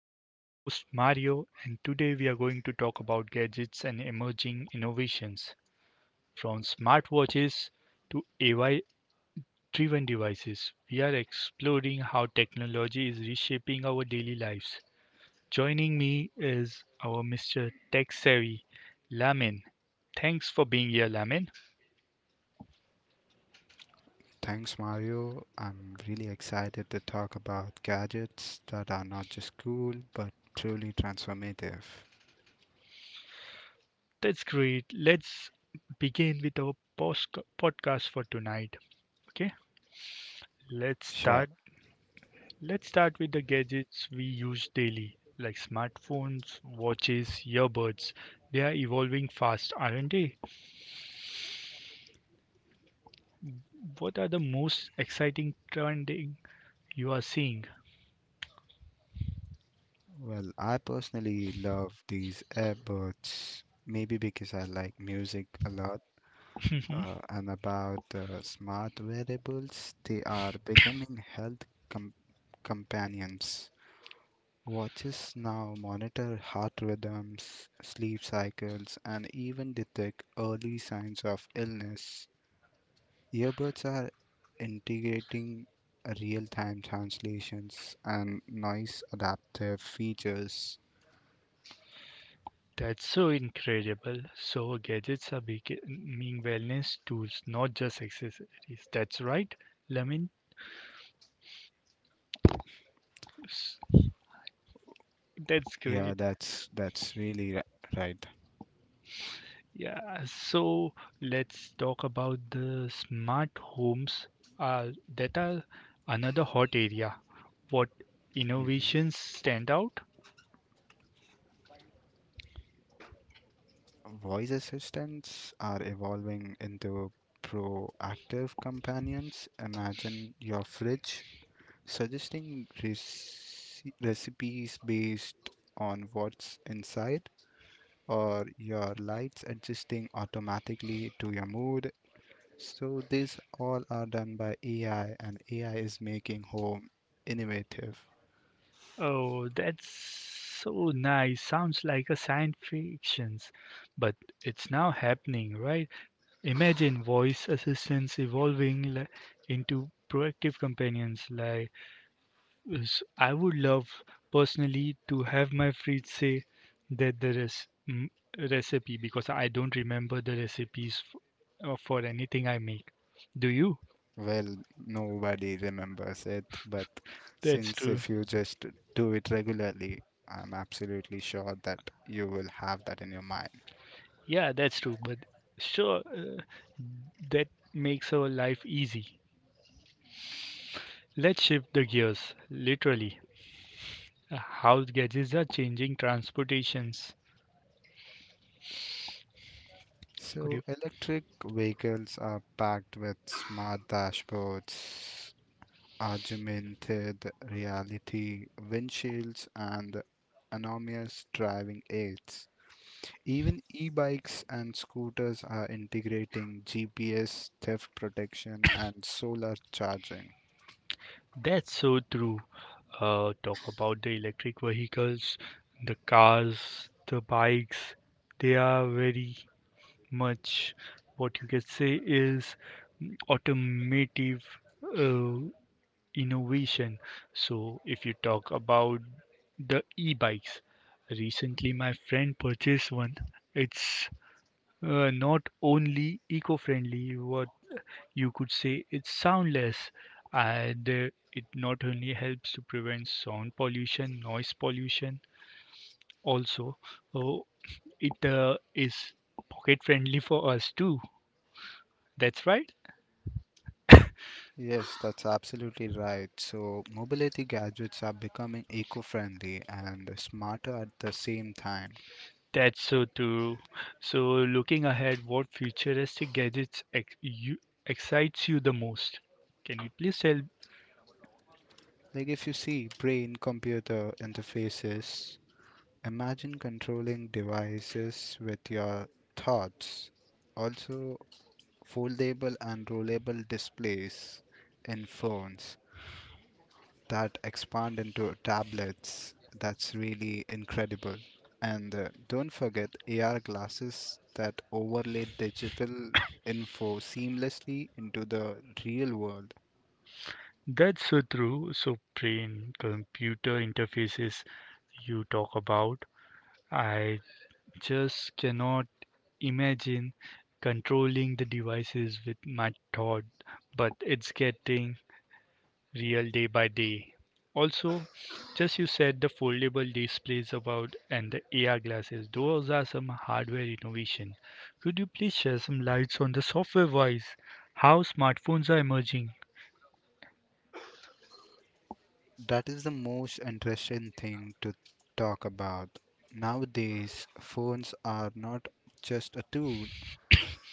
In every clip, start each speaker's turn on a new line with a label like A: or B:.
A: I am your host Mario, and today we are going to talk about gadgets and emerging innovations. From smartwatches to AI driven devices, we are exploring how technology is reshaping our daily lives. Joining me is our Mr. Tech Savvy, Lamin. Thanks for being here, Lamin.
B: Thanks, Mario. I'm really excited to talk about gadgets that are not just cool but truly transformative.
A: That's great. Let's begin with our podcast for tonight. Okay, let's
B: Sure.
A: start Let's start with the gadgets we use daily, like smartphones, watches, earbuds. They are evolving fast, aren't they? What are the most exciting trending you are seeing?
B: Well, I personally love these earbuds, maybe because I like music a lot. And about the smart wearables, they are becoming health com- companions. Watches now monitor heart rhythms, sleep cycles, and even detect early signs of illness. Earbuds are integrating real time translations and noise adaptive features.
A: That's so incredible. So gadgets are becoming wellness tools, not just accessories. That's right, Lamin. S- That's
B: Yeah,
A: great.
B: that's really right.
A: Yeah, so let's talk about the smart homes. Uh, that are another hot area. What
B: Mhm.
A: innovations stand out?
B: Voice assistants are evolving into proactive companions. Imagine your fridge suggesting recipes based on what's inside, or your lights adjusting automatically to your mood. So these all are done by AI, and AI is making home innovative.
A: Oh, that's so nice. Sounds like a science fictions, but it's now happening, right? Imagine voice assistants evolving into proactive companions, like, yes, I would love personally to have my fridge say that there is, mm, recipe, because I don't remember the recipes for anything I make. Do you?
B: Well, nobody remembers it, but
A: That's
B: since
A: true.
B: if you just do it regularly, I'm absolutely sure that you will have that in your mind.
A: Yeah, that's true. But sure, that makes our life easy. Let's shift the gears, literally. Uh, How gadgets are changing transportations. Could
B: So
A: you?
B: electric vehicles are packed with smart dashboards, augmented reality windshields, and autonomous driving aids. Even e-bikes and scooters are integrating GPS, theft protection, and solar charging.
A: That's so true. Talk about the electric vehicles, the cars, the bikes. They are very much what you can say is automotive uh, innovation. So, if you talk about the e bikes, recently my friend purchased one. It's not only eco friendly, what you could say it's soundless, and it not only helps to prevent sound pollution, noise pollution, also, oh, it is pocket friendly for us too. That's right.
B: Yes, that's absolutely right. So mobility gadgets are becoming eco friendly and smarter at the same time.
A: That's so true. So, looking ahead, what futuristic gadgets excites you the most? Can you please tell?
B: Like, if you see brain computer interfaces, imagine controlling devices with your thoughts. Also, foldable and rollable displays in phones that expand into tablets. That's really incredible. And don't forget AR glasses that overlay digital info seamlessly into the real world.
A: That's so true. So, brain computer interfaces you talk about, I just cannot imagine controlling the devices with my thought, but it's getting real day by day. Also, just you said the foldable displays about and the AR glasses, those are some hardware innovation. Could you please share some lights on the software wise? How smartphones are emerging?
B: That is the most interesting thing to talk about. Nowadays, phones are not just a tool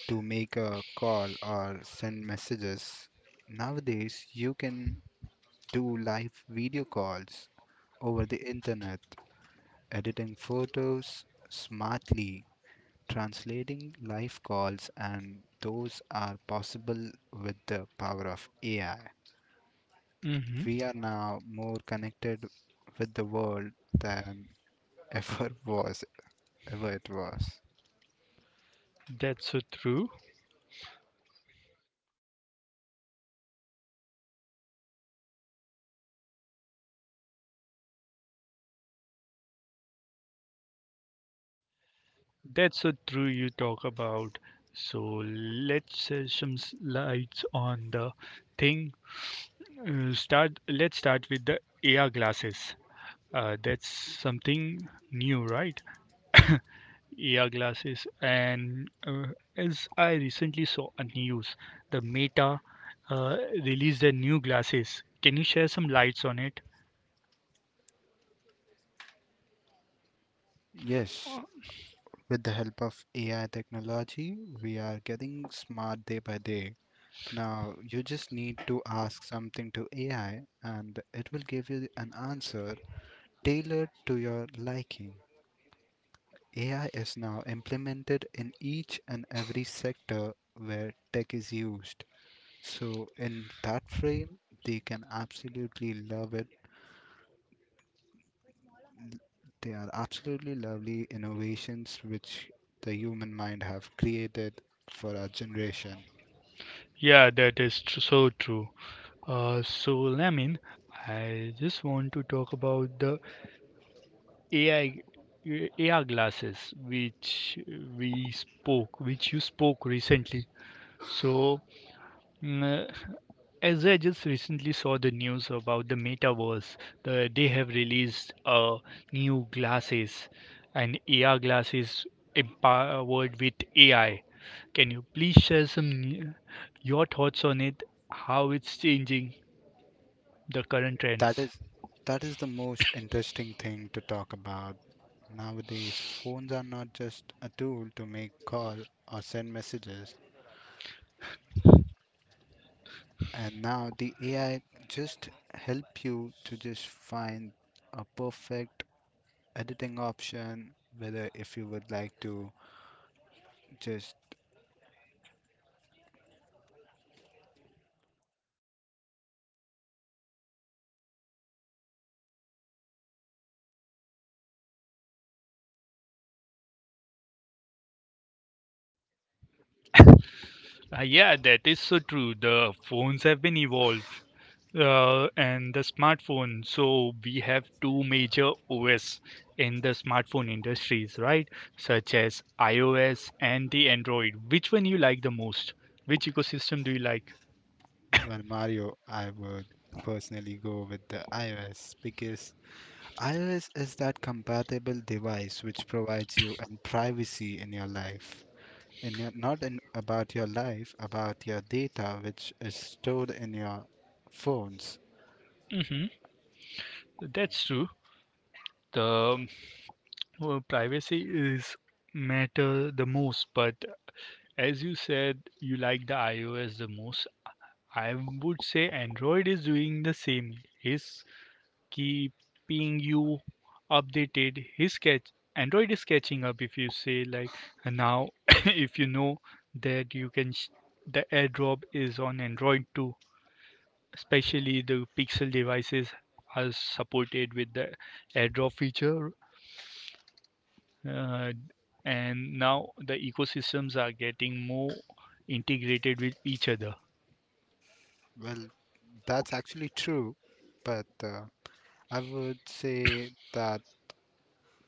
B: to make a call or send messages. Nowadays, you can do live video calls over the internet, editing photos smartly, translating live calls, and those are possible with the power of AI.
A: Mm-hmm.
B: We are now more connected with the world than ever was ever it was.
A: That's so true. That's so true you talk about. So let's share some lights on the thing. Start. Let's start with the AR glasses. That's something new, right? AR glasses, and as I recently saw on news, the Meta uh, released their new glasses. Can you share some lights on it?
B: Yes, with the help of AI technology, we are getting smart day by day. Now, you just need to ask something to AI and it will give you an answer tailored to your liking. AI is now implemented in each and every sector where tech is used. So, in that frame, they can absolutely love it. They are absolutely lovely innovations which the human mind have created for our generation.
A: Yeah, that is so true. So Lamin, I just want to talk about the AI, AR glasses which you spoke recently. So Mm, uh, As I just recently saw the news about the metaverse, they have released new glasses and AR glasses empowered with AI. Can you please share some your thoughts on it? How it's changing the current
B: That
A: trends?
B: is that is the most interesting thing to talk about. Nowadays, phones are not just a tool to make call or send messages. And now the AI just help you to just find a perfect editing option. Whether if you would like to just,
A: Yeah, that is so true. The phones have been evolved, and the smartphone. So we have two major OS in the smartphone industries, right? Such as iOS and the Android. Which one you like the most? Which ecosystem do you like?
B: well Mario, I would personally go with the iOS because iOS is that compatible device which provides you and privacy in your life. And your- not in, About your life, about your data which is stored in your phones.
A: Hmm. That's true. The well, privacy is matter the most, but as you said, you like the iOS the most. I would say Android is doing the same. Is keeping you updated. His sketch Android is catching up if you say like now if you know that you can the AirDrop is on Android too. Especially the Pixel devices are supported with the AirDrop feature, uh, and now the ecosystems are getting more integrated with each other.
B: Well, that's actually true, but I would say that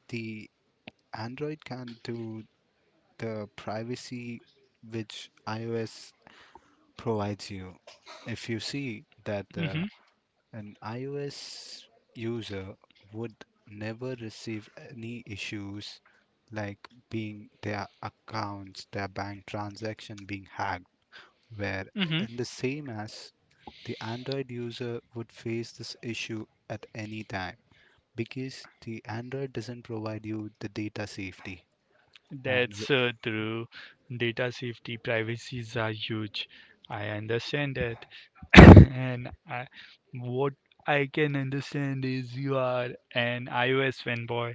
B: the Android can do the privacy which iOS provides you. If you see that
A: Hmm.
B: an iOS user would never receive any issues like being their accounts, their bank transaction being hacked, where
A: Hmm.
B: in the same as the Android user would face this issue at any time, because the Android doesn't provide you the data safety. And
A: That's
B: w-
A: so true. Data safety privacies are huge. I understand that. And what I can understand is you are an iOS fanboy,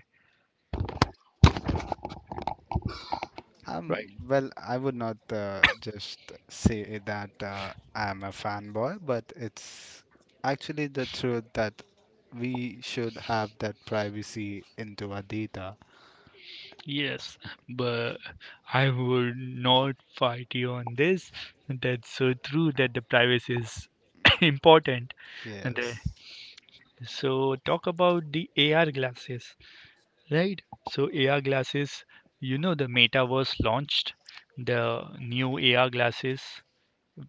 A: right?
B: well, I would not just say that I'm a fanboy, but it's actually the truth that we should have that privacy into our data.
A: Yes, but I would not fight you on this. That's so true that the privacy is important. And
B: Yes.
A: so talk about the AR glasses. Right. So AR glasses, the metaverse launched the new AR glasses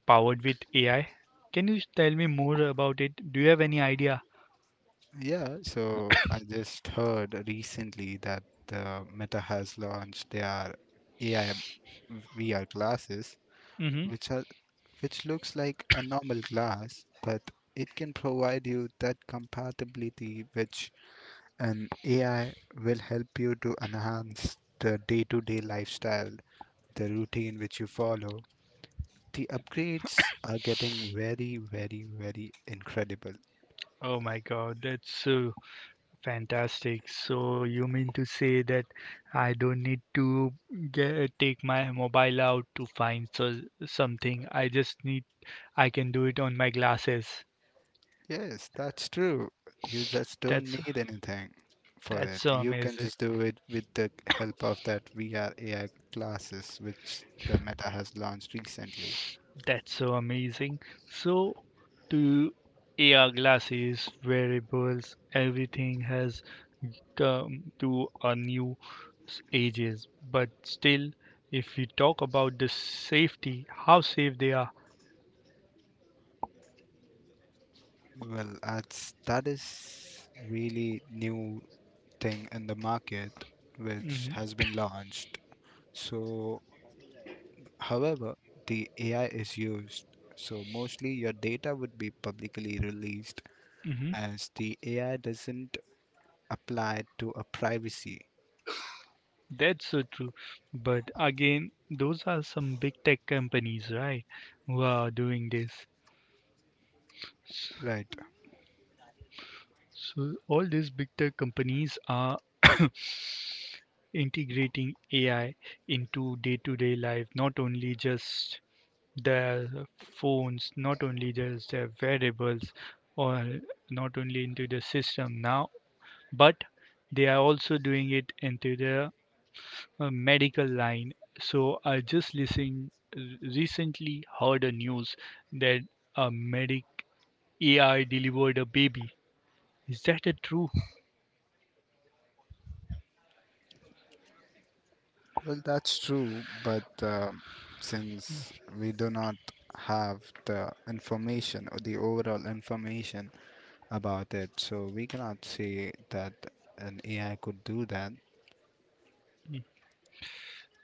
A: powered with AI. Can you tell me more about it? Do you have any idea?
B: Yeah, so I just heard recently that Meta has launched their AI VR glasses,
A: Mm-hmm.
B: which are which looks like a normal glass, but it can provide you that compatibility which an AI will help you to enhance the day to day lifestyle, the routine which you follow. The upgrades are getting very, very, very incredible.
A: Oh my God, that's so fantastic. So you mean to say that I don't need to take my mobile out to find, something. I just need I can do it on my glasses.
B: Yes, that's true. You just don't
A: That's
B: need anything for
A: that's
B: it.
A: so
B: You can
A: amazing.
B: just do it with the help of that VR AI glasses which the Meta has launched recently.
A: That's so amazing. So, to AR glasses, wearables, everything has come to a new ages. But still, if we talk about the safety, how safe they are.
B: Well, that is really new thing in the market which
A: Hmm.
B: has been launched. So, however, the AI is used. So mostly your data would be publicly released
A: Hmm.
B: as the AI doesn't apply to a privacy.
A: That's so true. But again, those are some big tech companies, right, who are doing this.
B: Right.
A: So all these big tech companies are integrating AI into day-to-day life, not only just their phones, not only just their wearables, or not only into the system now, but they are also doing it into the medical line. So I just listened recently heard a news that a medic AI delivered a baby. Is that a true?
B: Well, that's true, but since we do not have the information or the overall information about it, so we cannot say that an AI could do that.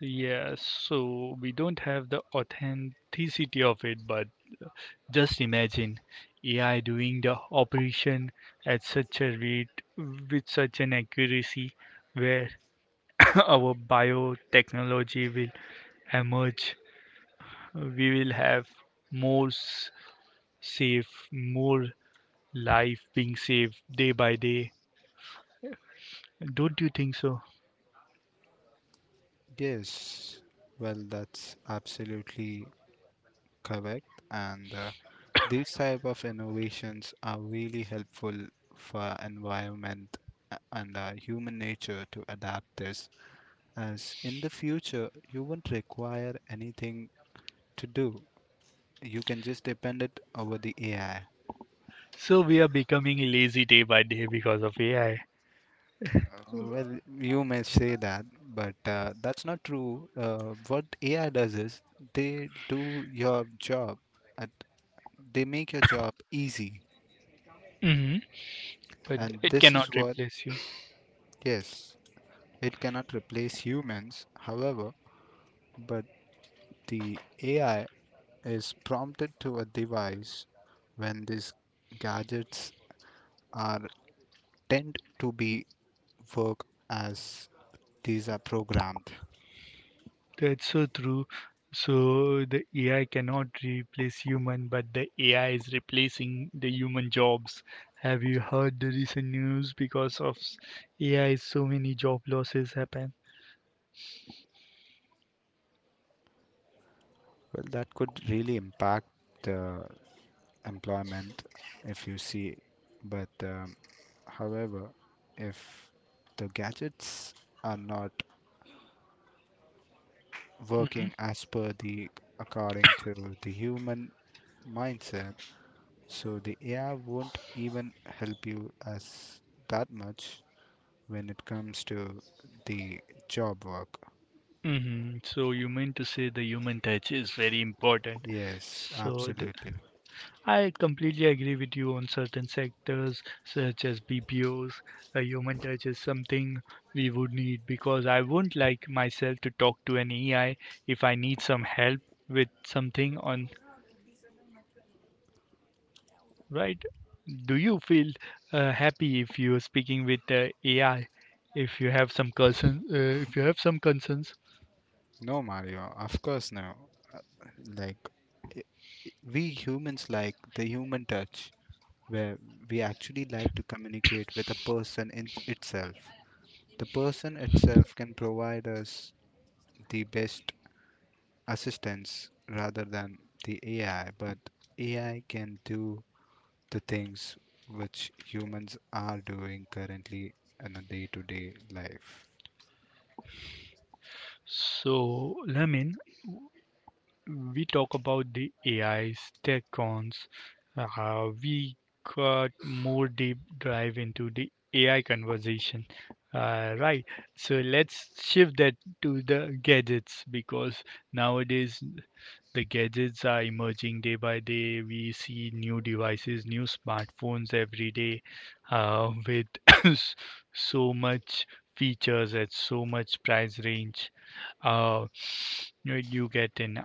A: Yes. So we don't have the authenticity of it, but just imagine AI doing the operation at such a rate with such an accuracy where our biotechnology will emerge. We will have more safe, more life being saved day by day. Don't you think so?
B: Yes, well, that's absolutely correct, and these type of innovations are really helpful for environment and human nature to adapt this, as in the future you won't require anything to do. You can just depend it over the AI.
A: So we are becoming lazy day by day because of AI.
B: Well, you may say that, but that's not true. What AI does is they do your job, at, they make your job easy.
A: Hmm. But
B: And
A: it
B: this
A: cannot
B: is what,
A: replace you.
B: yes, it cannot replace humans, however, but the AI is prompted to a device when these gadgets are tend to be work as these are programmed.
A: That's so true. So the AI cannot replace human, but the AI is replacing the human jobs. Have you heard the recent news because of AI? So many job losses happen.
B: Well, that could really impact the employment if you see. But however, if the gadgets are not
A: Mm-hmm.
B: working as per the according to the human mindset, so the AI won't even help you as that much when it comes to the job work.
A: Mm-hmm. So you mean to say the human touch is very important.
B: Yes,
A: So
B: absolutely.
A: I completely agree with you on certain sectors such as BPOs. A human touch is something we would need because I wouldn't like myself to talk to an AI if I need some help with something on, right. Do you feel happy if you're speaking with the AI? If you have some concern, if you have some concerns,
B: No, Mario, of course no. Uh, Like, we humans like the human touch, where we actually like to communicate with a person in itself. The person itself can provide us the best assistance rather than the AI, but AI can do the things which humans are doing currently in a day to day life.
A: so Lamin, we talk about the AIs, tech cons, we got more deep dive into the AI conversation. Right, so let's shift that to the gadgets because nowadays the gadgets are emerging day by day. We see new devices, new smartphones every day, with so much features at so much price range, uh, you get an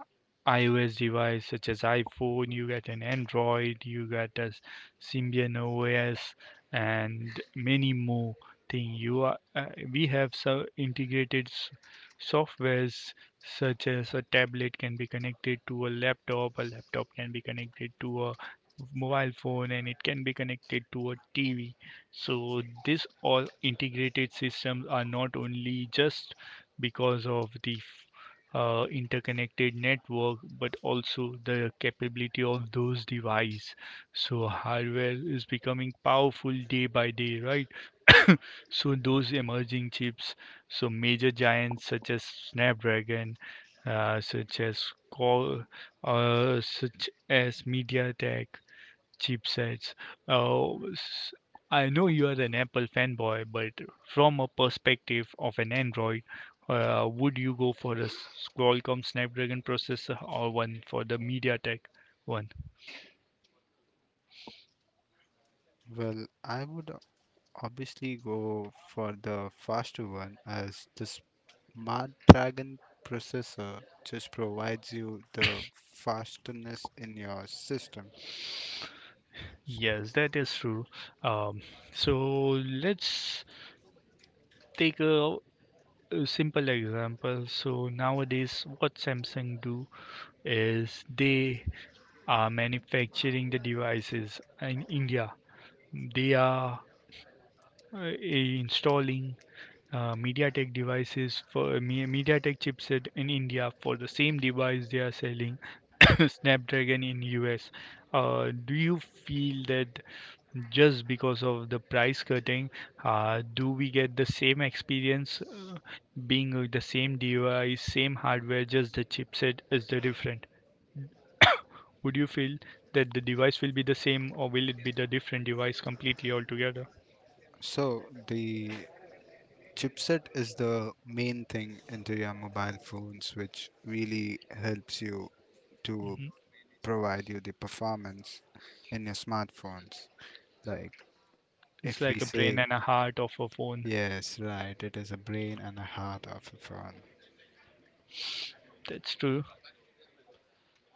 A: iOS device such as iPhone, you get an Android, you get a Symbian OS, and many more thing. You are we have so integrated softwares such as a tablet can be connected to a laptop can be connected to a mobile phone, and it can be connected to a TV. So this all integrated systems are not only just because of the interconnected network but also the capability of those devices. So hardware is becoming powerful day by day, right. So those emerging chips, so major giants such as Snapdragon, such as Qual- such as MediaTek chipsets. Says, oh, I know you are an Apple fanboy, but from a perspective of an Android, would you go for a Qualcomm Snapdragon processor or one for the MediaTek one?
B: Well, I would obviously go for the faster one as the Snapdragon processor just provides you the fastness in your system. S-
A: Yes, that is true. Um, so let's take a simple example. So nowadays, what Samsung do is they are manufacturing the devices in India. They are installing MediaTek devices for MediaTek chipset in India for the same device they are selling Snapdragon in US. Do you feel that just because of the price cutting, do we get the same experience being with the same device, same hardware, just the chipset is the different? Would you feel that the device will be the same or will it be the different device completely altogether?
B: So the chipset is the main thing into your mobile phones which really helps you to
A: Mhm.
B: provide you the performance in your smartphones. Like,
A: It's
B: if we
A: like a brain
B: say
A: and a heart of a phone.
B: yes, right, it is a brain and a heart of a phone.
A: That's true.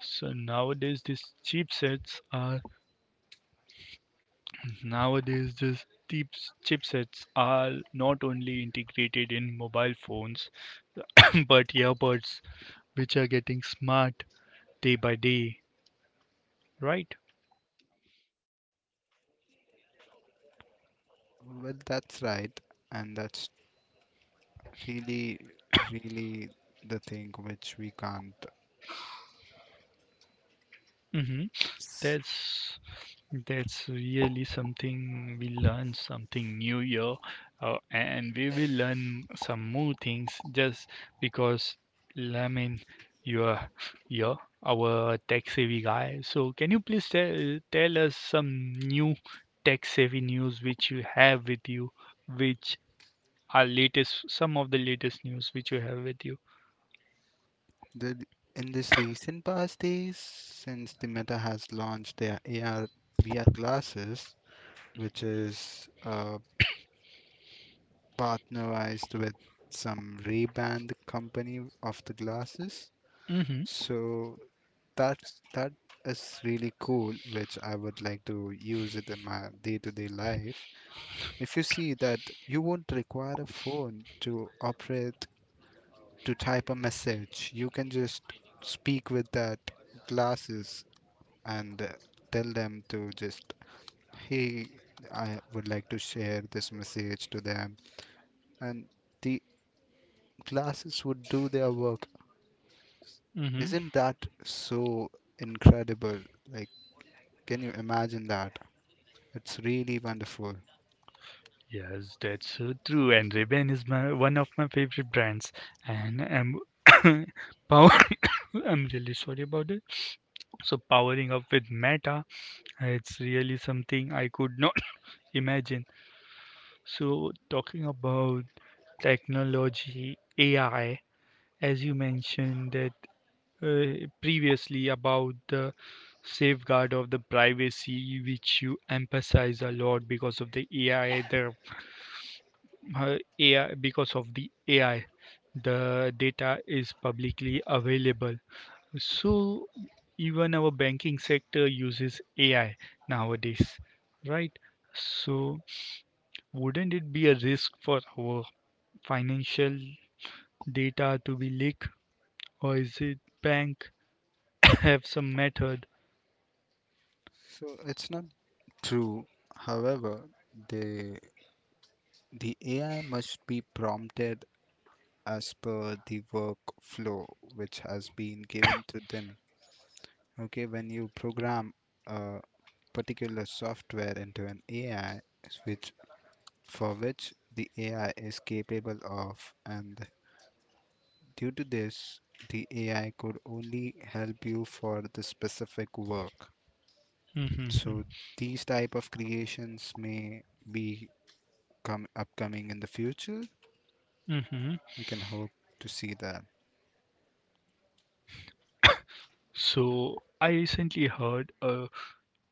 A: So nowadays these chipsets are not only integrated in mobile phones but earbuds which are getting smart day by day, right?
B: Well, that's right, and that's really, really the thing which we can't.
A: Mhm.
B: s-
A: That's that's really something we learn something new here, and we will learn some more things just because I mean you're you're our tech savvy guy. So can you please tell us some new tech savvy news which you have with you, which are latest some of the latest news which you have with you.
B: The, in this recent past days, since the Meta has launched their AR VR glasses, which is partnerized with some Ray-Ban, the company of the glasses,
A: Mm-hmm.
B: so that is really cool, which I would like to use it in my day-to-day life. If you see that you won't require a phone to operate to type a message. You can just speak with that glasses and tell them to just, hey, I would like to share this message to them. And the glasses would do their work.
A: Mm-hmm.
B: Isn't that so incredible? Like, can you imagine that? It's really wonderful.
A: Yes, that's so true. And Ray-Ban is my one of my favorite brands. And I'm power. I'm really sorry about it. So powering up with Meta, it's really something I could not imagine. So talking about technology, AI, as you mentioned that previously about the safeguard of the privacy, which you emphasize a lot because of the AI, the data is publicly available. So even our banking sector uses AI nowadays, right? So wouldn't it be a risk for our financial data to be leaked, or is it bank have some method?
B: So it's not true. However, the the AI must be prompted as per the workflow which has been given to them. Okay, when you program a particular software into an AI, which for which the AI is capable of, and due to this, the AI could only help you for the specific work.
A: Mm-hmm.
B: So these type of creations may be come upcoming in the future.
A: Mm-hmm.
B: We can hope to see that.
A: So I recently heard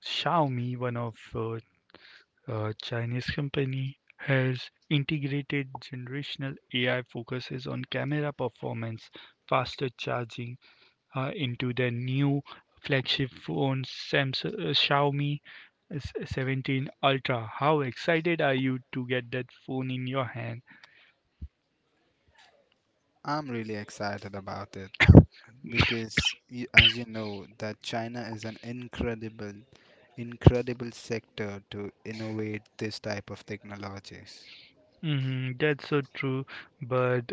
A: Xiaomi, one of A Chinese company has integrated generational AI focuses on camera performance, faster charging, into their new flagship phone Xiaomi 17 Ultra. How excited are you to get that phone in your hand?
B: I'm really excited about it, as you know that China is an incredible sector to innovate this type of technologies.
A: Hmm. That's so true, but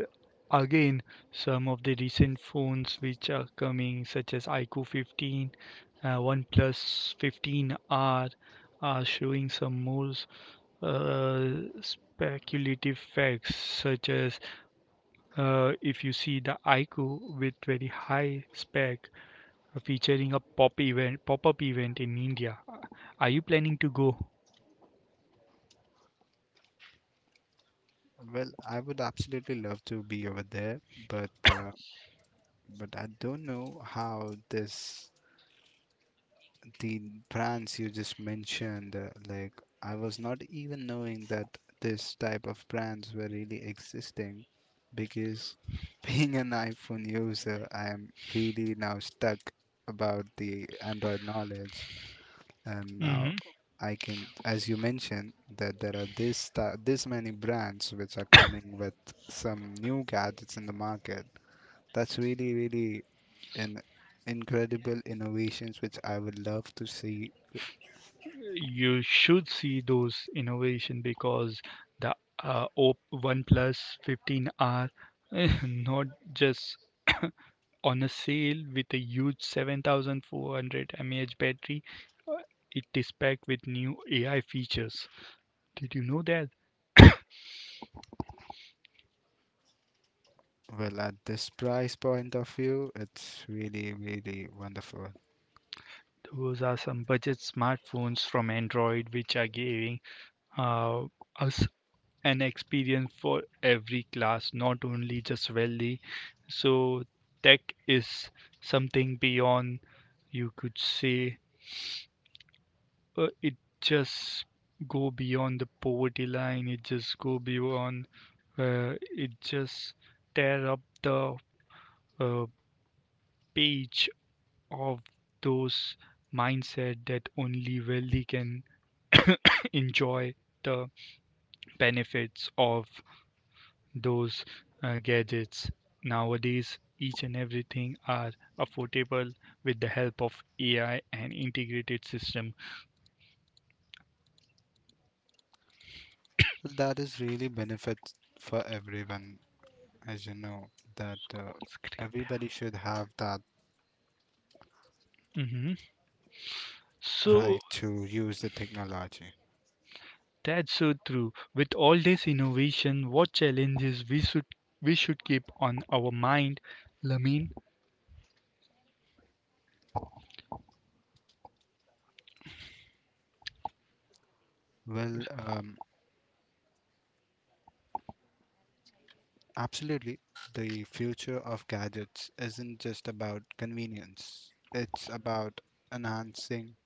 A: again, some of the recent phones which are coming, such as iQOO 15, OnePlus 15R are showing some more, uh, speculative facts, such as, if you see the IQ with very high spec, featuring a pop-up event in India. Are you planning to go?
B: Well, I would absolutely love to be over there, but uh, but I don't know how this the brands you just mentioned, like I was not even knowing that this type of brands were really existing because being an iPhone user, I am really now stuck about the Android knowledge. And now
A: Hmm.
B: I can, as you mentioned, that there are this many brands which are coming with some new gadgets in the market. That's really, really an incredible innovations which I would love to see.
A: You should see those innovation because the uh, OnePlus 15R not just on a sale with a huge 7,400 mAh battery. Uh, It is packed with new AI features. Did you know that?
B: Well, at this price point of view, it's really, really wonderful.
A: Those are some budget smartphones from Android which are giving uh, us an experience for every class, not only just wealthy. So, tech is something beyond, you could say, it just go beyond the poverty line, it just go beyond, it just tear up the uh, page of those mindset that only wealthy can enjoy the benefits of those gadgets. Nowadays each and everything are affordable with the help of ai and integrated system.
B: That is really benefit for everyone, as you know, that everybody should have that
A: Hmm. So
B: right to use the technology.
A: that's so true. With all this innovation, what challenges we should keep on our mind, Lamin?
B: Well, absolutely. The future of gadgets isn't just about convenience. It's about enhancing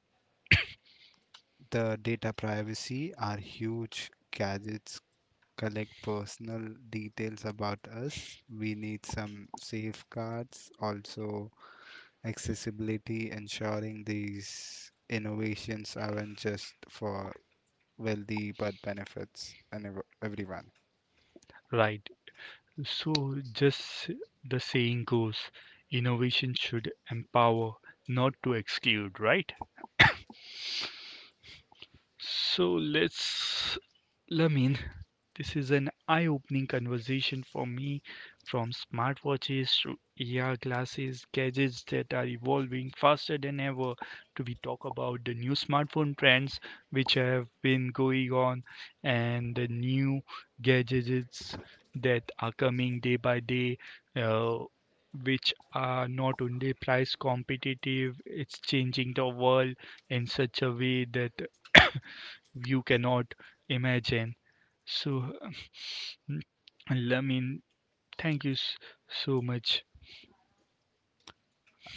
B: the data privacy our huge gadgets collect personal details about us. We need some safeguards, also accessibility, ensuring these innovations aren't just for wealthy but benefits and everyone.
A: Right. So just the saying goes, innovation should empower, not to exclude, right? So let's Lamin, this is an eye opening conversation for me, from smartwatches to AR glasses, gadgets that are evolving faster than ever, to we talk about the new smartphone trends which have been going on and the new gadgets that are coming day by day. Uh, which are not only price competitive, it's changing the world in such a way that you cannot imagine. So, Lamin, thank you so much.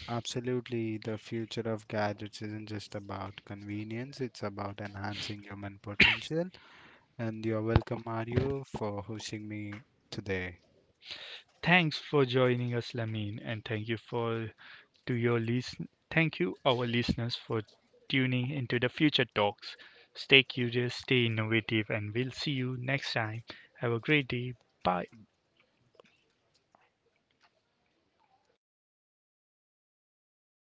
B: Absolutely, the future of gadgets isn't just about convenience, it's about enhancing human potential. And you're welcome, Mario, for hosting me today.
A: Thanks for joining us, Lamin, and thank you for to your listen. Thank you, our listeners, for tuning into the future talks. Stay curious, stay innovative, and we'll see you next time. Have a great day. Bye.